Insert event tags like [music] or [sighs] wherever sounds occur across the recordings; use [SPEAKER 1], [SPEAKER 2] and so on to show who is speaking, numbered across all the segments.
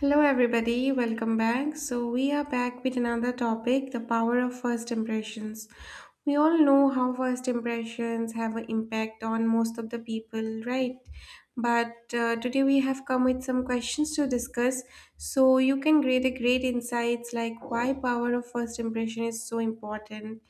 [SPEAKER 1] Hello, everybody, welcome back. So, we are back with another topic, the power of first impressions. We all know how first impressions have an impact on most of the people, right? But today we have come with some questions to discuss so you can create a great insights like why power of first impression is so important,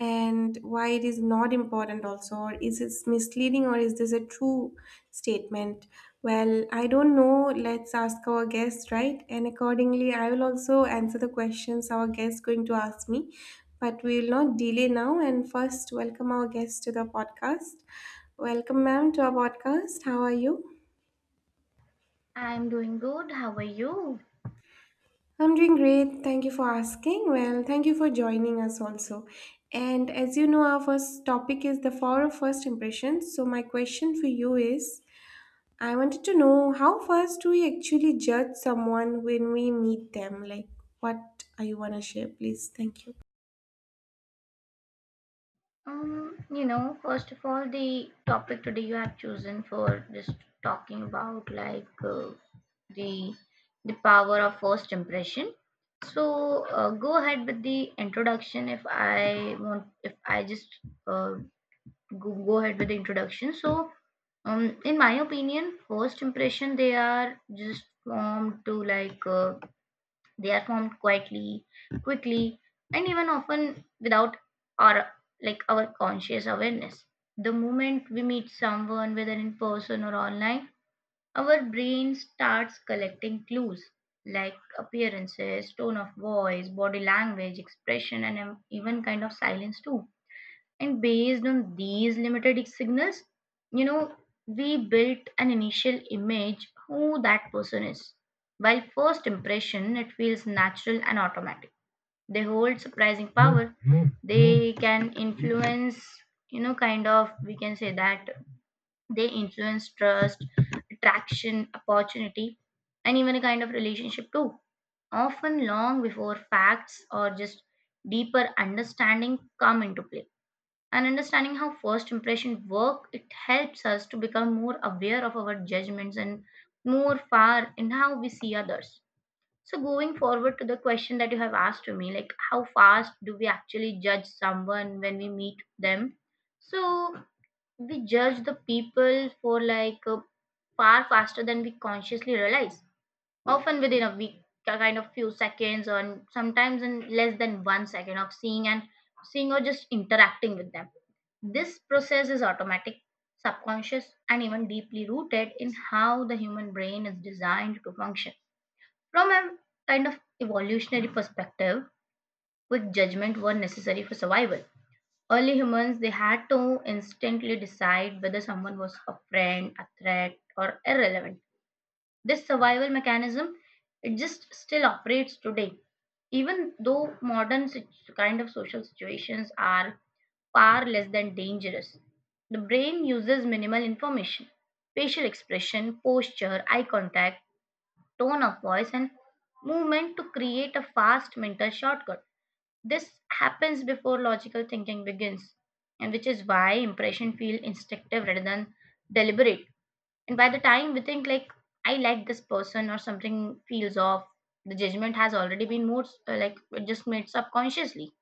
[SPEAKER 1] and why it is not important also, or is it misleading, or is this a true statement. Well, I don't know, let's ask our guest, right? And accordingly I will also answer the questions our guest going to ask me. But we will not delay now and first welcome our guest to the podcast. Welcome ma'am to our podcast, how are you?
[SPEAKER 2] I'm doing good. How are you?
[SPEAKER 1] I'm doing great. Thank you for asking. Well, thank you for joining us also. And as you know, our first topic is the power of first impressions. So, my question for you is, I wanted to know how first do we actually judge someone when we meet them? Like, what are you want to share, please? Thank you.
[SPEAKER 2] First of all, the topic today you have chosen for just talking about the the power of first impression. So go ahead with the introduction. If I want, if I just uh, go, Go ahead with the introduction. So, in my opinion, first impression they are just formed to like. They are formed quietly, quickly, and even often without our our conscious awareness. The moment we meet someone, whether in person or online, our brain starts collecting clues like appearances, tone of voice, body language, expression, and even kind of silence too, and based on these limited signals, you know, we built an initial image who that person is. While first impression, it feels natural and automatic. They hold surprising power. They can influence, we can say that they influence trust, attraction, opportunity, and even a kind of relationship too. Often long before facts or just deeper understanding come into play, and understanding how first impression work, it helps us to become more aware of our judgments and more far in how we see others. So going forward to the question that you have asked to me like how fast do we actually judge someone when we meet them. So we judge the people for like far faster than we consciously realize, often within a week, a kind of few seconds, or sometimes in less than 1 second of seeing or just interacting with them. This process is automatic, subconscious, and even deeply rooted in how the human brain is designed to function from a kind of evolutionary perspective. Quick judgment were necessary for survival. Early humans, they had to instantly decide whether someone was a friend, a threat, or irrelevant. This survival mechanism, it just still operates today, even though kind of social situations are far less than dangerous. The brain uses minimal information: facial expression, posture, eye contact, tone of voice, and movement to create a fast mental shortcut. This happens before logical thinking begins, and which is why impression feel instinctive rather than deliberate. And by the time we think like I like this person, or something feels off, the judgment has already been moved like it just made subconsciously.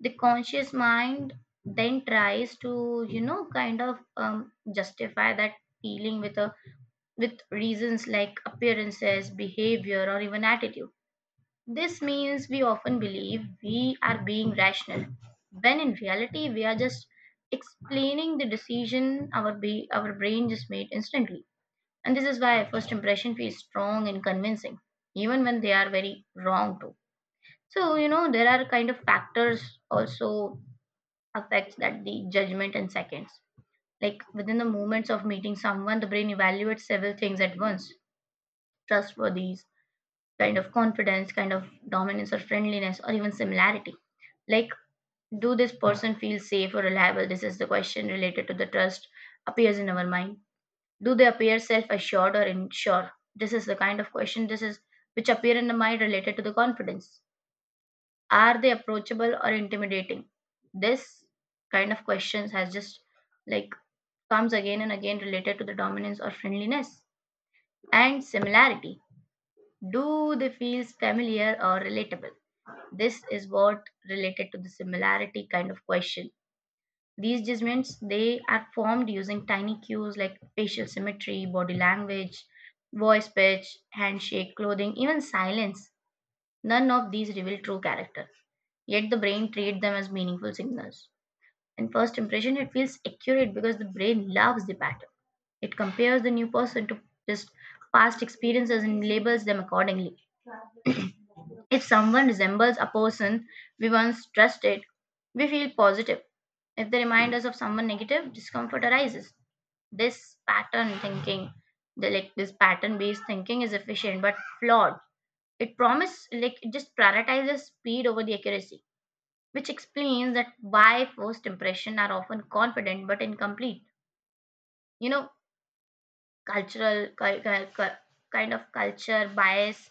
[SPEAKER 2] The conscious mind then tries to, justify that feeling with a with reasons like appearances, behavior, or even attitude. This means we often believe we are being rational, when in reality we are just explaining the decision our brain just made instantly. And this is why first impression feels strong and convincing, even when they are very wrong too. So, there are kind of factors also affects that the judgment in seconds. Like within the moments of meeting someone, the brain evaluates several things at once: trustworthiness, kind of confidence, kind of dominance or friendliness, or even similarity. Like, do this person feel safe or reliable? This is the question related to the trust appears in our mind. Do they appear self-assured or unsure? This is the kind of question this is Which appear in the mind related to the confidence. Are they approachable or intimidating? This kind of questions has just like comes again and again related to the dominance or friendliness and similarity. Do they feel familiar or relatable? This is what related to the similarity kind of question. These judgments, they are formed using tiny cues like facial symmetry, body language, voice pitch, handshake, clothing, even silence. None of these reveal true character. Yet the brain treats them as meaningful signals. In first impression, it feels accurate because the brain loves the pattern. It compares the new person to just past experiences and labels them accordingly. If someone resembles a person we once trusted, we feel positive. If they remind us of someone negative, discomfort arises. this pattern thinking this pattern based thinking is efficient but flawed. It promise like It just prioritizes speed over the accuracy, which explains that why first impression are often confident but incomplete. you know Cultural kind of culture bias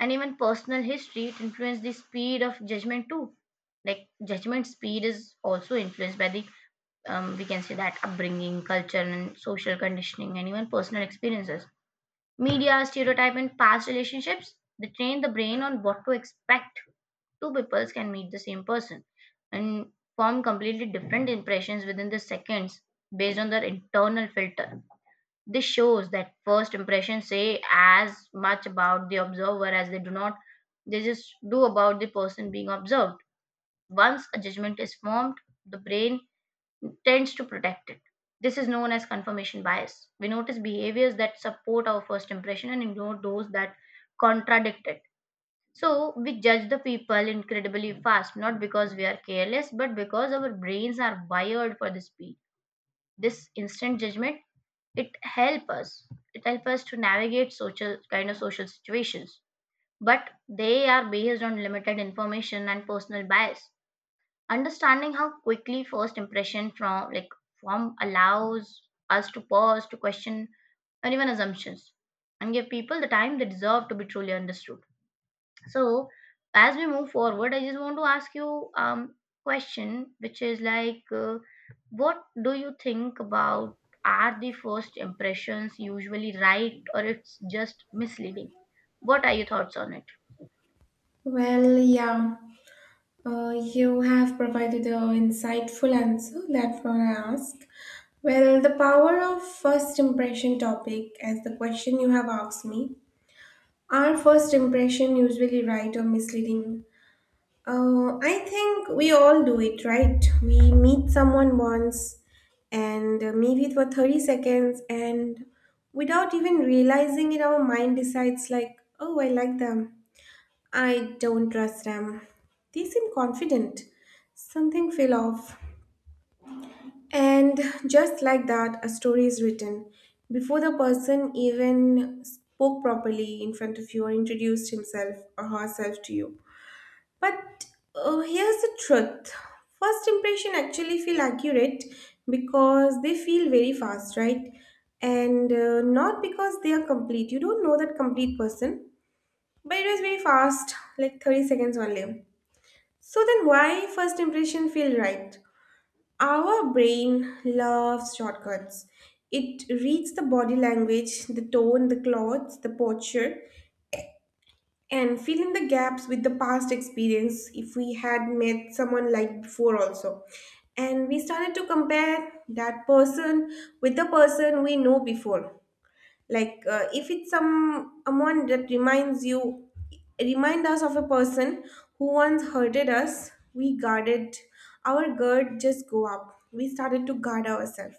[SPEAKER 2] and even personal history, it influence the speed of judgment too. Like judgment speed is also influenced by the, we can say that, upbringing, culture, and social conditioning, and even personal experiences. Media, stereotype, and past relationships, they train the brain on what to expect. Two peoples can meet the same person and form completely different impressions within the seconds based on their internal filter. This shows that first impressions say as much about the observer as they do not they just do about the person being observed. Once a judgment is formed, the brain tends to protect it. This is known as confirmation bias. We notice behaviors that support our first impression and ignore those that contradict it. So we judge the people incredibly fast, not because we are careless, but because our brains are wired for the speed. This instant judgment, it helps us. It helps us to navigate social kind of social situations, but they are based on limited information and personal bias. Understanding how quickly first impression from like form allows us to pause, to question, and even assumptions, and give people the time they deserve to be truly understood. So as we move forward, I just want to ask you, um question which is what do you think about, are the first impressions usually right or it's just misleading? What are your thoughts on it?
[SPEAKER 1] Well, uh, you have provided an insightful answer. That's what I ask. Well, the power of first impression topic, as the question you have asked me, our first impression usually right or misleading. I think we all do it, right? We meet someone once and maybe for 30 seconds, and without even realizing it, our mind decides like, "Oh, I like them. I don't trust them. They seem confident. Something fell off." And just like that, a story is written. Before the person even spoke properly in front of you or introduced himself or herself to you. But here's the truth, first impression actually feel accurate because they feel very fast, right? And not because they are complete. You don't know that complete person, but it was very fast, like 30 seconds only. So then why first impression feel right? Our brain loves shortcuts. It reads the body language, the tone, the clothes, the posture, and fill in the gaps with the past experience if we had met someone like before also. And we started to compare that person with the person we know before, like if it's someone that reminds you remind us of a person who once hurted us, we guarded our guard just go up, we started to guard ourselves.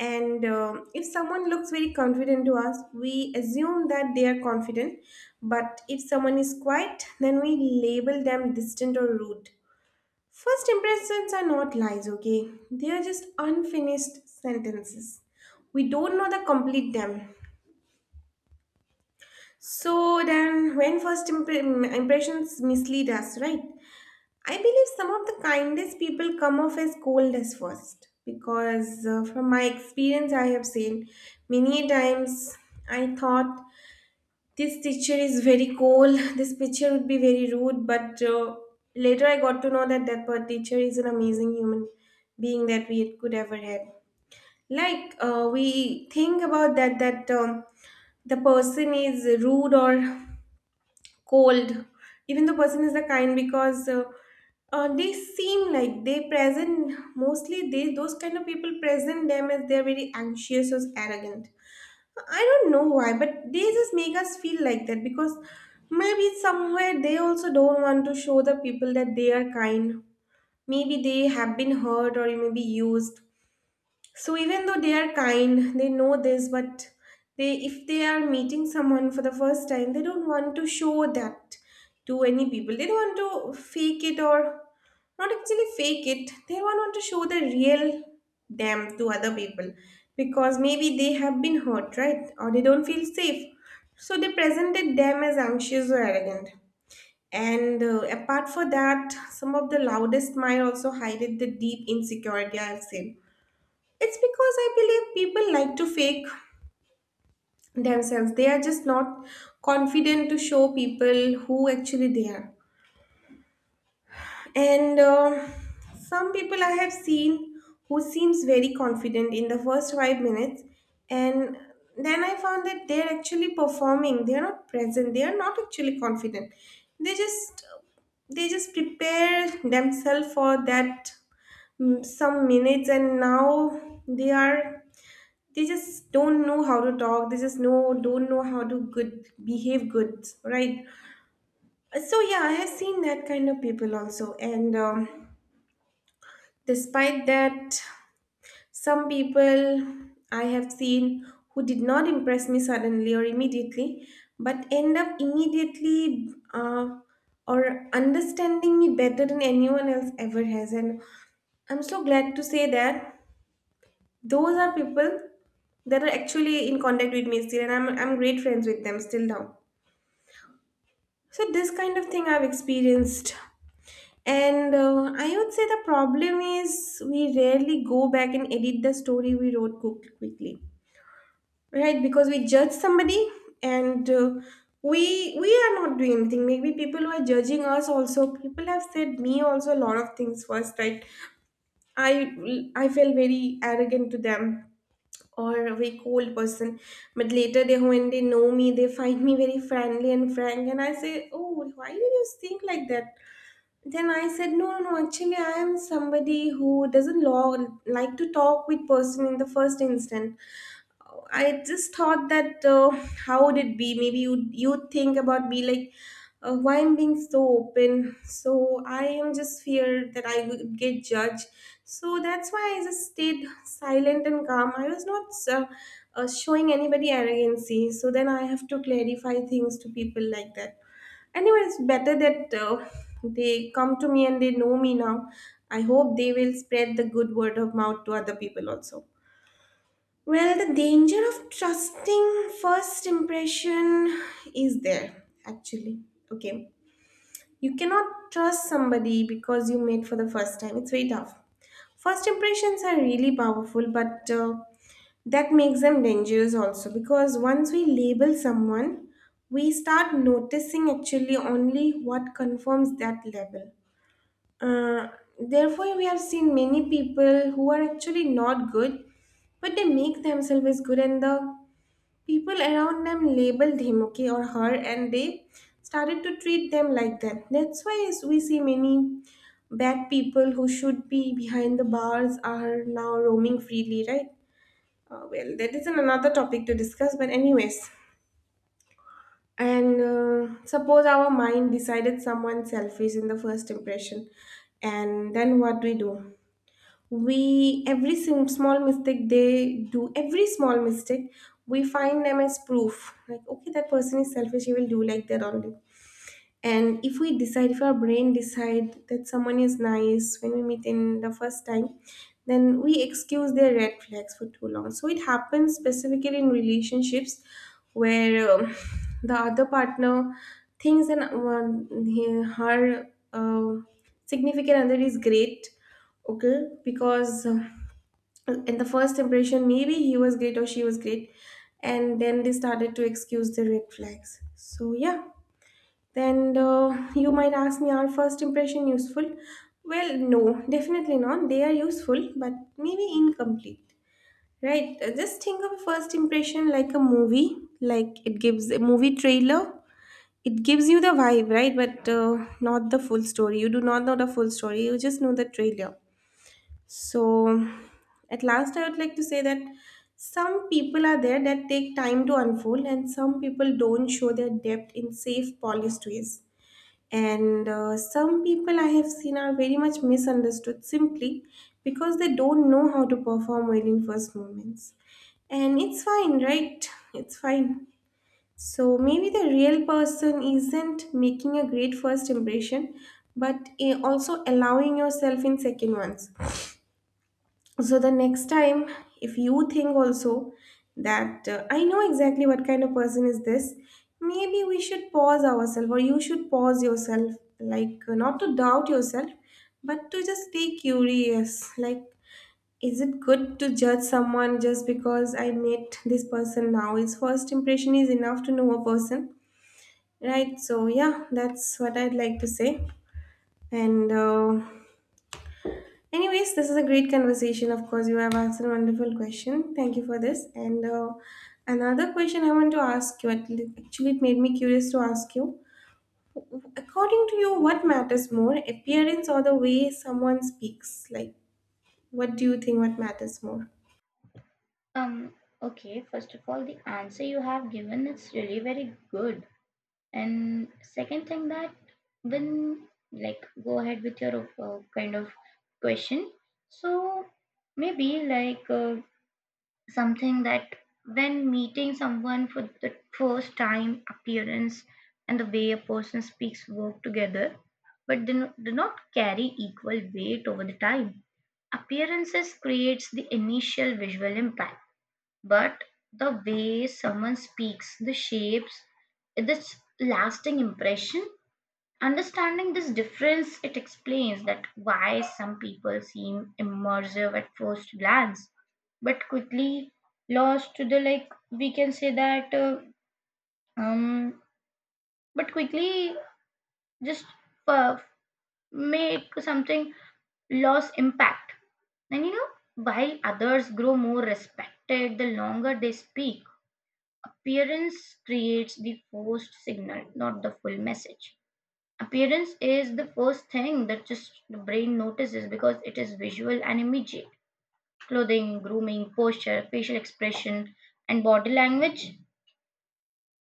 [SPEAKER 1] And if someone looks very confident to us, we assume that they are confident, but if someone is quiet, then we label them distant or rude. First impressions are not lies, okay? They are just unfinished sentences. We don't know the complete them. So then, when impressions mislead us, right? I believe some of the kindest people come off as cold as first because, from my experience, I have seen many times I thought this teacher is very cold, [laughs] this teacher would be very rude, but later I got to know that teacher is an amazing human being that we could ever have. Like, we think about that, that the person is rude or cold even the person is the kind because they seem like they present mostly, they those kind of people present them as they're very anxious or arrogant. I don't know why, but they just make us feel like that because maybe somewhere they also don't want to show the people that they are kind. Maybe they have been hurt or maybe used. So even though they are kind, they know this, but they, if they are meeting someone for the first time, they don't want to show that to any people. They don't want to fake it, or not actually fake it. They don't want to show the real them to other people because maybe they have been hurt, right? Or they don't feel safe. So they presented them as anxious or arrogant. And apart for that, some of the loudest mind also hided the deep insecurity I've seen. It's because I believe people like to fake themselves. They are just not confident to show people who actually they are. And some people I have seen who seems very confident in the first 5 minutes, and then I found that they're actually performing. They are not present. They are not actually confident. They just, they just prepare themselves for that some minutes, and now they are, they just don't know how to talk, they just know don't know how to good behave good, right? So yeah, I have seen that kind of people also. And despite that, some people I have seen who did not impress me suddenly or immediately but end up immediately or understanding me better than anyone else ever has. And I'm so glad to say that those are people that are actually in contact with me still, and I'm great friends with them still now. So this kind of thing I've experienced. And I would say the problem is we rarely go back and edit the story we wrote quickly, right? Because we judge somebody, and we are not doing anything. Maybe people who are judging us also, people have said me also a lot of things first, right? I felt very arrogant to them, or a very cold person. But later they, when they know me, they find me very friendly and frank, and I say, "Oh, why did you think like that?" Then I said, "No, no, no, actually I am somebody who doesn't like to talk with person in the first instant. I just thought that how would it be? Maybe you think about me like, why I'm being so open. So I am just feared that I would get judged. So that's why I just stayed silent and calm. I was not uh, showing anybody arrogancy." So then I have to clarify things to people like that. Anyway, it's better that they come to me and they know me now. I hope they will spread the good word of mouth to other people also. Well, the danger of trusting first impression is there actually. Okay, you cannot trust somebody because you met for the first time, it's very tough. First impressions are really powerful, but that makes them dangerous also because once we label someone, we start noticing actually only what confirms that label. Uh, Therefore, we have seen many people who are actually not good, but they make themselves as good, and the people around them labeled him, okay, or her, and they started to treat them like that. That's why we see many bad people who should be behind the bars are now roaming freely, right? Well, that is another topic to discuss, but anyways. And suppose our mind decided someone selfish in the first impression, and then what do we do? We every small mistake they do, every small mistake we find them as proof, like okay, that person is selfish, he will do like that only. And if we decide, if our brain decide that someone is nice when we meet in the first time, then we excuse their red flags for too long. So it happens specifically in relationships where [sighs] the other partner thinks that her uh, significant other is great, okay, because in the first impression maybe he was great or she was great, and then they started to excuse the red flags. So yeah, then you might ask me, are first impression useful? Well, no, definitely not. They are useful, but maybe incomplete, right? Just think of a first impression like a movie, like it gives a movie trailer. It gives you the vibe, right? But not the full story. You do not know the full story. You just know the trailer. So, at last, I would like to say that some people are there that take time to unfold, and some people don't show their depth in safe, polished ways. And some people I have seen are very much misunderstood simply because they don't know how to perform well in first moments. And it's fine, right? It's fine. So maybe the real person isn't making a great first impression, but also allowing yourself in second ones. So the next time if you think also that I know exactly what kind of person is this, maybe we should pause ourselves, or you should pause yourself, like not to doubt yourself, but to just be curious, like, is it good to judge someone just because I met this person now, his first impression is enough to know a person, right? So yeah, that's what I'd like to say. And anyways, this is a great conversation. Of course, you have asked a wonderful question. Thank you for this. And Another question I want to ask you, actually, it made me curious to ask you. According to you, what matters more, appearance or the way someone speaks? Like, what do you think what matters more?
[SPEAKER 2] um okay, first of all, the answer you have given is really very good. And second thing that when like go ahead with your kind of question. So maybe something that when meeting someone for the first time, appearance and the way a person speaks work together, but do not carry equal weight over the time. Appearances creates the initial visual impact, but the way someone speaks, the shapes, its lasting impression. Understanding this difference, it explains that why some people seem immersive at first glance, but quickly lost to the like, we can say that um but quickly just uh, make something loss impact. And you know, while others grow more respected the longer they speak, appearance creates the forced signal, not the full message. Appearance is the first thing that just the brain notices because it is visual and immediate. Clothing, grooming, posture, facial expression, and body language,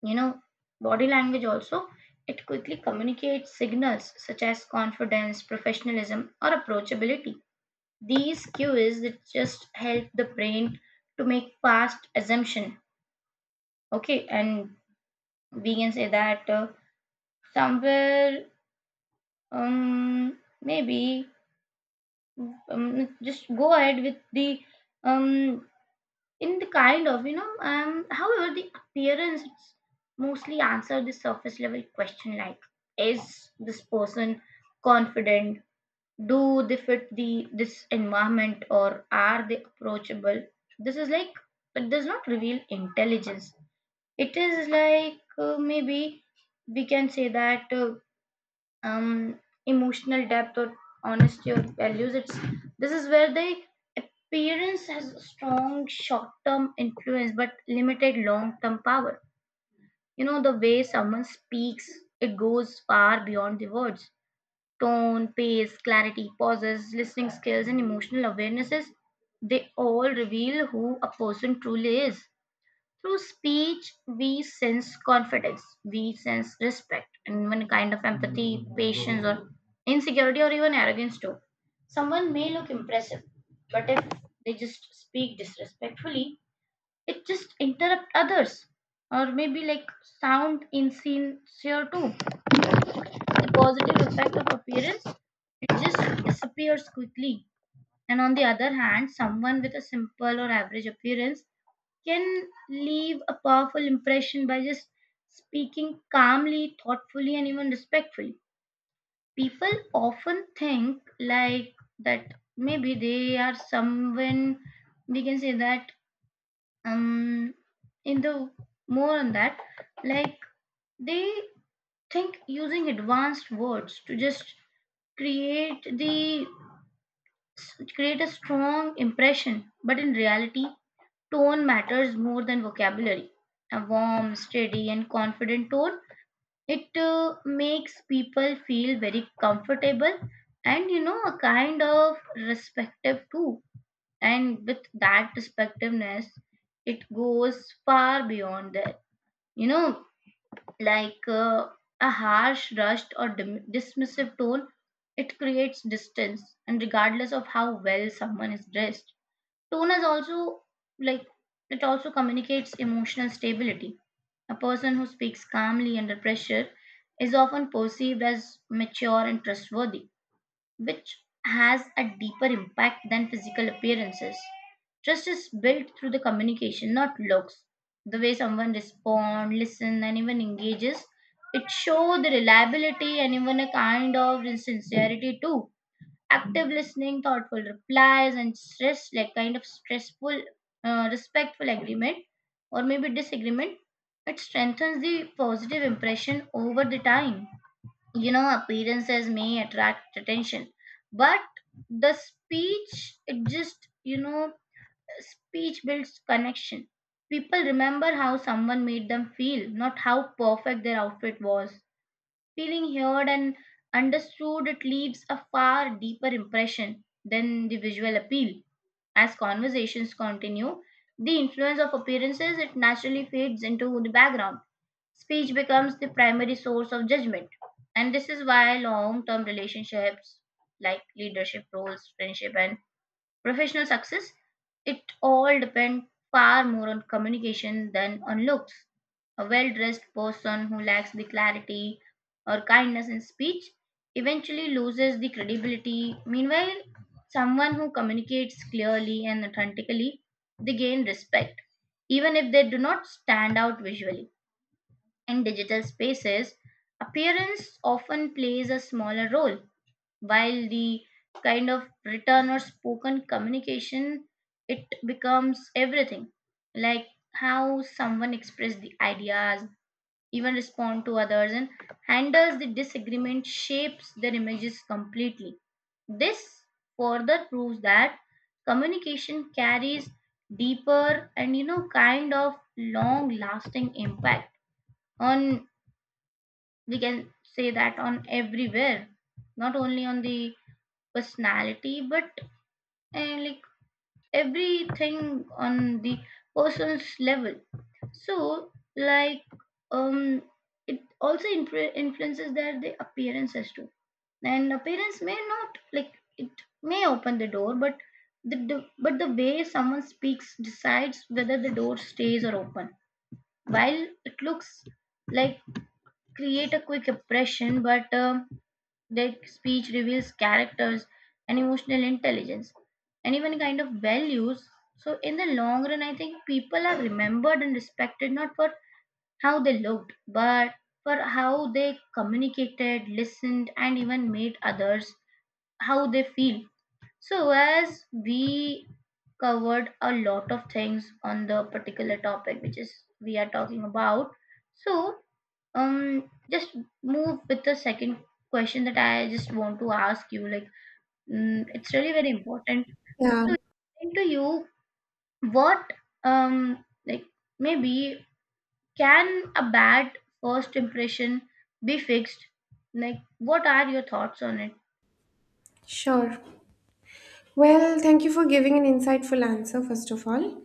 [SPEAKER 2] you know, body language also, it quickly communicates signals such as confidence, professionalism, or approachability. These cues that just help the brain to make fast assumption. Okay, and we can say that. Somewhere um maybe um, just go ahead with the um in the kind of you know However, the appearance mostly answer the surface level question like, is this person confident? Do they fit the this environment? Or are they approachable? This is like, it does not reveal intelligence. It is maybe we can say that um, emotional depth or honesty or values. It's This is where the appearance has strong short-term influence but limited long-term power. You know the way someone speaks, it goes far beyond the words. Tone, pace, clarity, pauses, listening skills, and emotional awarenesses, they all reveal who a person truly is. Through speech, we sense confidence, we sense respect, and even kind of empathy, patience, or insecurity, or even arrogance too. Someone may look impressive, but if they just speak disrespectfully, it just interrupt others, or maybe like sound insincere too. The positive effect of appearance, it just disappears quickly. And on the other hand, someone with a simple or average appearance can leave a powerful impression by just speaking calmly, thoughtfully, and even respectfully. People often think like that maybe they are someone, we can say that, um in the more on that like they think using advanced words to just create the it create a strong impression, but in reality, tone matters more than vocabulary. A warm, steady, and confident tone, it makes people feel very comfortable, and you know a kind of respective too. And with that respectiveness, it goes far beyond that. You know, like uh, a harsh, rushed, or dismissive tone, it creates distance. And regardless of how well someone is dressed, tone is also like, it also communicates emotional stability. A person who speaks calmly under pressure is often perceived as mature and trustworthy, which has a deeper impact than physical appearances. Trust is built through the communication, not looks. The way someone responds, listen, and even engages, it shows the reliability and even a kind of sincerity too. Active listening, thoughtful replies, and stress like kind of stressful, respectful agreement or maybe disagreement, it strengthens the positive impression over the time. Appearances may attract attention, but the speech, it just speech builds connection. People remember how someone made them feel, not how perfect their outfit was. Feeling heard and understood, it leaves a far deeper impression than the visual appeal. As conversations continue, the influence of appearances, it naturally fades into the background. Speech becomes the primary source of judgment, and this is why long term relationships like leadership roles, friendship, and professional success, it all depend far more on communication than on looks. A well dressed person who lacks the clarity or kindness in speech eventually loses the credibility. Meanwhile, someone who communicates clearly and authentically, they gain respect, even if they do not stand out visually. In digital spaces, appearance often plays a smaller role, while the kind of written or spoken communication, it becomes everything, like how someone expresses the ideas, even respond to others, and handles the disagreement shapes their images completely. This further proves that communication carries deeper and kind of long lasting impact on, we can say that, on everywhere, not only on the personality but like everything on the person's level. So like um it also influences their the appearances too. And appearance may not like, it may open the door, but the but the way someone speaks decides whether the door stays or open. While it looks like create a quick impression but their speech reveals characters and emotional intelligence and even kind of values. So, in the long run, I think people are remembered and respected not for how they looked, but for how they communicated, listened, and even made others how they feel. So, as we covered a lot of things on the particular topic which is we are talking about, so just move with the second question that I just want to ask you, like, mm, it's really very important.
[SPEAKER 1] Yeah,
[SPEAKER 2] So, into you, what like maybe can a bad first impression be fixed, like what are your thoughts on it?
[SPEAKER 1] sure. Well, thank you for giving an insightful answer, first of all.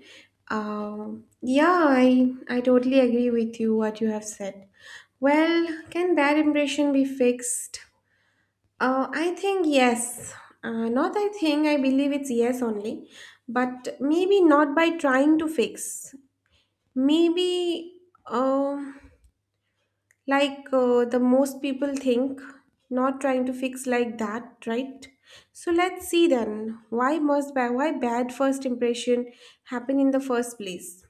[SPEAKER 1] Yeah, I totally agree with you what you have said. Well, can that impression be fixed? I think yes. Not I think, I believe it's yes only. But maybe not by trying to fix. Maybe, um like the most people think, not trying to fix like that, right? So let's see then. Why bad first impression happen in the first place?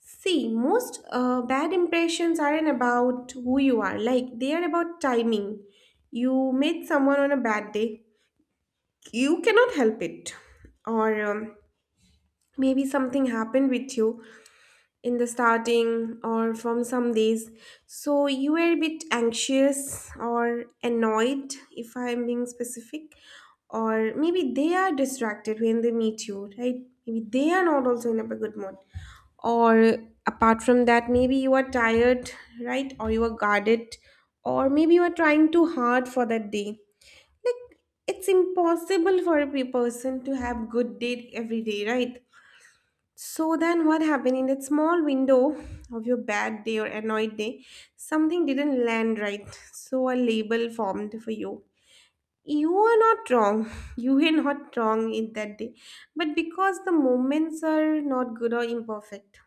[SPEAKER 1] See, most bad impressions aren't about who you are. Like they are about timing. You met someone on a bad day, you cannot help it, or maybe something happened with you in the starting or from some days, so you were a bit anxious or annoyed if I am being specific, or maybe they are distracted when they meet you, right? Maybe they are not also in a good mood, or apart from that maybe you are tired, right? Or you are guarded, or maybe you are trying too hard for that day. Like, it's impossible for a person to have good day every day, right? So then what happened in that small window of your bad day or annoyed day, something didn't land right. So a label formed for you. You are not wrong. [laughs] You were not wrong in that day. But because the moments are not good or imperfect,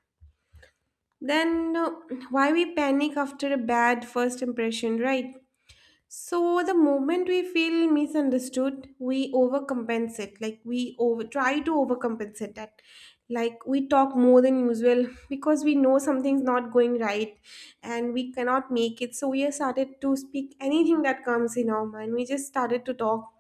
[SPEAKER 1] then why we panic after a bad first impression, right? So the moment we feel misunderstood, we overcompensate. Like we over try to overcompensate that. Like we talk more than usual because we know something's not going right and we cannot make it. So we have started to speak anything that comes in our mind. We just started to talk,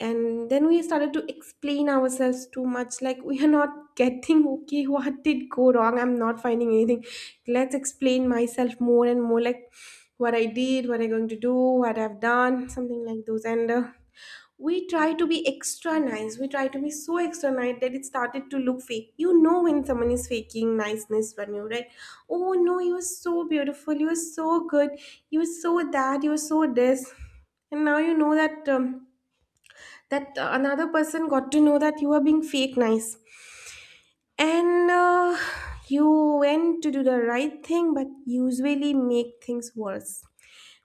[SPEAKER 1] and then we started to explain ourselves too much, like we are not [laughs] getting okay what did go wrong, I'm not finding anything, let's explain myself more and more, like what I did, what I'm going to do, what I've done, something like those. And We try to be extra nice, we try to be so extra nice that it started to look fake. You know when someone is faking niceness when you, right? Oh no, you were so beautiful, you were so good, you were so that, you were so this. And now you know that that another person got to know that you were being fake nice. And You went to do the right thing but usually make things worse,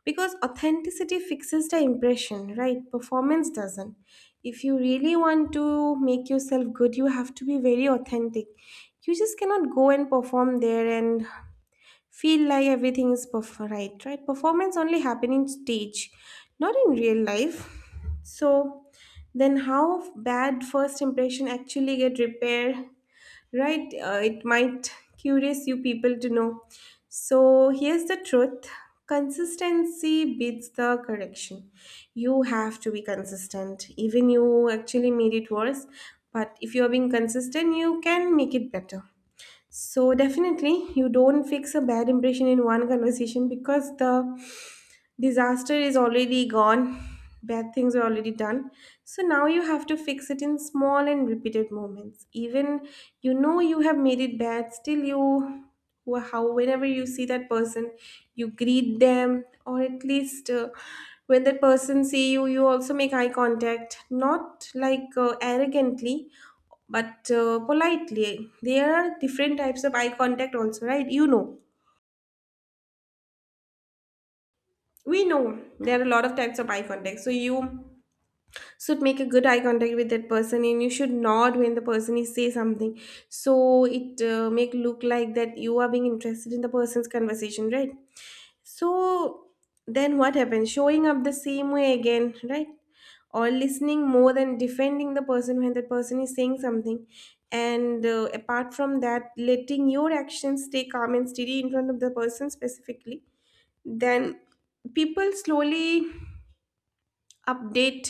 [SPEAKER 1] because authenticity fixes the impression, right? Performance doesn't. If you really want to make yourself good, you have to be very authentic. You just cannot go and perform there and feel like everything is right. Right, performance only happen in stage, not in real life. So then how bad first impression actually get repaired, right? It might curious you people to know. So here's the truth, consistency beats the correction. You have to be consistent. Even you actually made it worse, but if you are being consistent you can make it better. So definitely, you don't fix a bad impression in one conversation because the disaster is already gone. Bad things are already done. So now you have to fix it in small and repeated moments. Even you know you have made it bad, still you, how whenever you see that person, you greet them, or at least when that person see you, you also make eye contact, not like arrogantly, but politely. There are different types of eye contact also, right? You know, we know there are a lot of types of eye contact. So you should make a good eye contact with that person, and you should nod when the person is say something, so it make look like that you are being interested in the person's conversation, right? So then what happens? Showing up the same way again, right? Or listening more than defending the person when that person is saying something. And Apart from that, letting your actions stay calm and steady in front of the person specifically, then people slowly update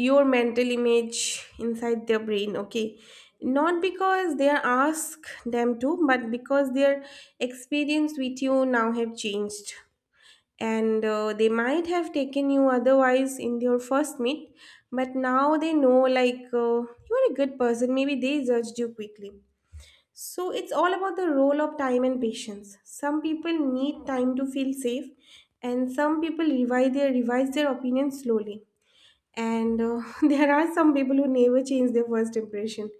[SPEAKER 1] your mental image inside their brain, okay? Not because they ask them to, but because their experience with you now have changed. And They might have taken you otherwise in your first meet, but now they know like you are a good person, maybe they judged you quickly. So it's all about the role of time and patience. Some people need time to feel safe, and some people revise their opinion slowly. And [laughs] There are some people who never change their first impression,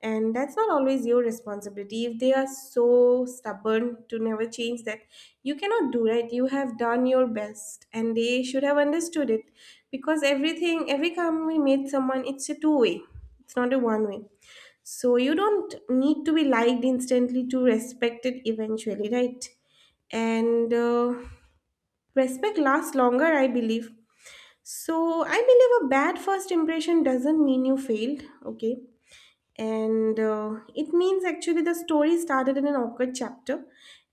[SPEAKER 1] and that's not always your responsibility. If they are so stubborn to never change that, you cannot do, right? You have done your best and they should have understood it, because everything, every company made someone, it's a two way, it's not a one way. So you don't need to be liked instantly to respect it eventually, right? and Respect lasts longer, I believe. So I believe a bad first impression doesn't mean you failed, okay? And It means actually the story started in an awkward chapter.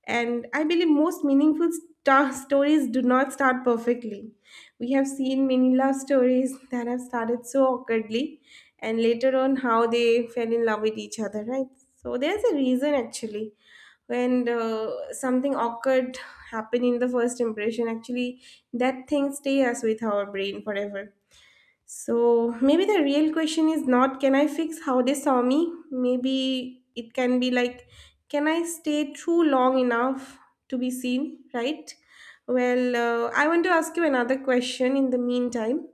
[SPEAKER 1] And I believe most meaningful stories do not start perfectly. We have seen many love stories that have started so awkwardly, and later on, how they fell in love with each other, right? So there's a reason actually, when something awkward happen in the first impression, actually that thing stays with our brain forever. So maybe the real question is not can I fix how they saw me, maybe it can be like, can I stay true long enough to be seen, right? Well I want to ask you another question in the meantime,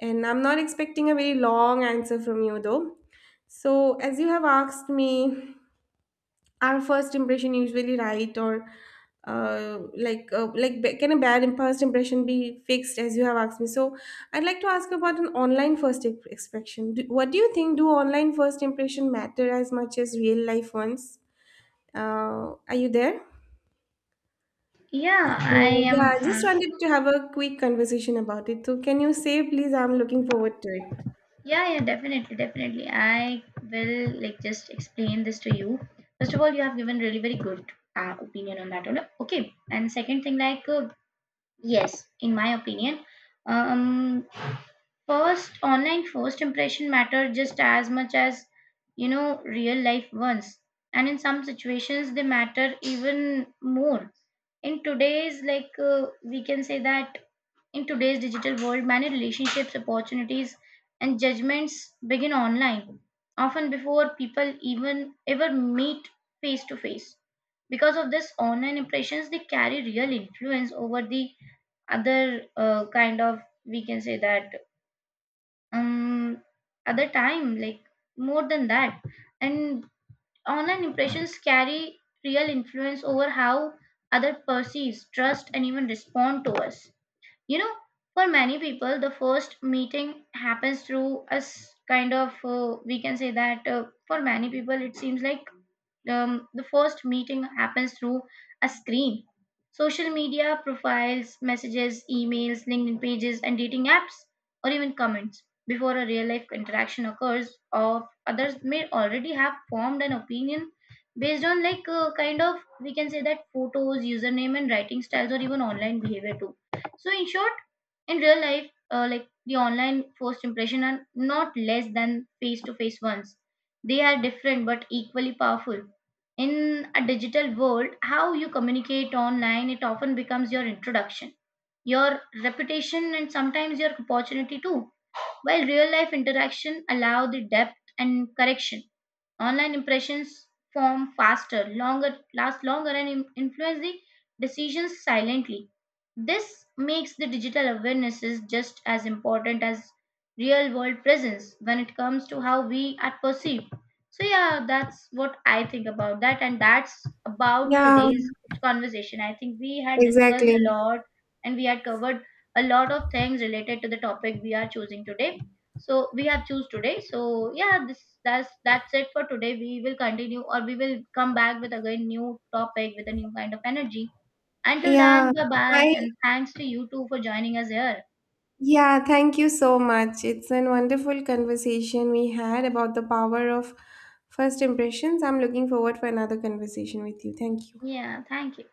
[SPEAKER 1] and I'm not expecting a very long answer from you though. So as you have asked me, our first impression usually right, or like can a bad first impression be fixed, as you have asked me. So I'd like to ask about an online first expression, do, what do you think, do online first impression matter as much as real life ones? Are you there?
[SPEAKER 2] Yeah,
[SPEAKER 1] So
[SPEAKER 2] I
[SPEAKER 1] yeah,
[SPEAKER 2] am,
[SPEAKER 1] I just wanted to have a quick conversation about it, so can you say please, I'm looking forward to it.
[SPEAKER 2] Yeah, definitely, definitely, I will like just explain this to you. First of all, you have given really very good opinion on that one. Okay, and second thing like, yes, in my opinion. Um, first, online first impression matter just as much as real life ones, and in some situations they matter even more. In today's, like, we can say that, in today's digital world, many relationships, opportunities, and judgments begin online, often before people even ever meet face to face. Because of this, online impressions, they carry real influence over the other, kind of, we can say that, um other time, like, more than that. And online impressions carry real influence over how other perceives, trust, and even respond to us. You know, for many people, the first meeting happens through a kind of, we can say that, for many people, it seems like the first meeting happens through a screen. Social media profiles, messages, emails, LinkedIn pages, and dating apps, or even comments. Before a real life interaction occurs, of others may already have formed an opinion based on, like, kind of, we can say that, photos, username, and writing styles, or even online behavior too. So in short, in real life, like, the online first impression are not less than face to face ones. They are different but equally powerful. In a digital world, how you communicate online, it often becomes your introduction, your reputation, and sometimes your opportunity too. While real life interaction allow the depth and correction, online impressions form faster, longer, last longer, and influence the decisions silently. This makes the digital awarenesses just as important as real world presence when it comes to how we are perceived. So yeah, that's what I think about that, and that's about
[SPEAKER 1] Yeah,
[SPEAKER 2] today's conversation. I think we had discussed a
[SPEAKER 1] exactly.
[SPEAKER 2] lot, and we had covered a lot of things related to the topic we are choosing today, so we have choose today. So yeah, this that's it for today. We will continue, or we will come back with again new topic with a new kind of energy. Until then,
[SPEAKER 1] yeah
[SPEAKER 2] bye bye,
[SPEAKER 1] i
[SPEAKER 2] and thanks to you too for joining us here.
[SPEAKER 1] Yeah, thank you so much. It's a wonderful conversation we had about the power of first impressions. I'm looking forward for another conversation with you. Thank you.
[SPEAKER 2] Yeah, thank you.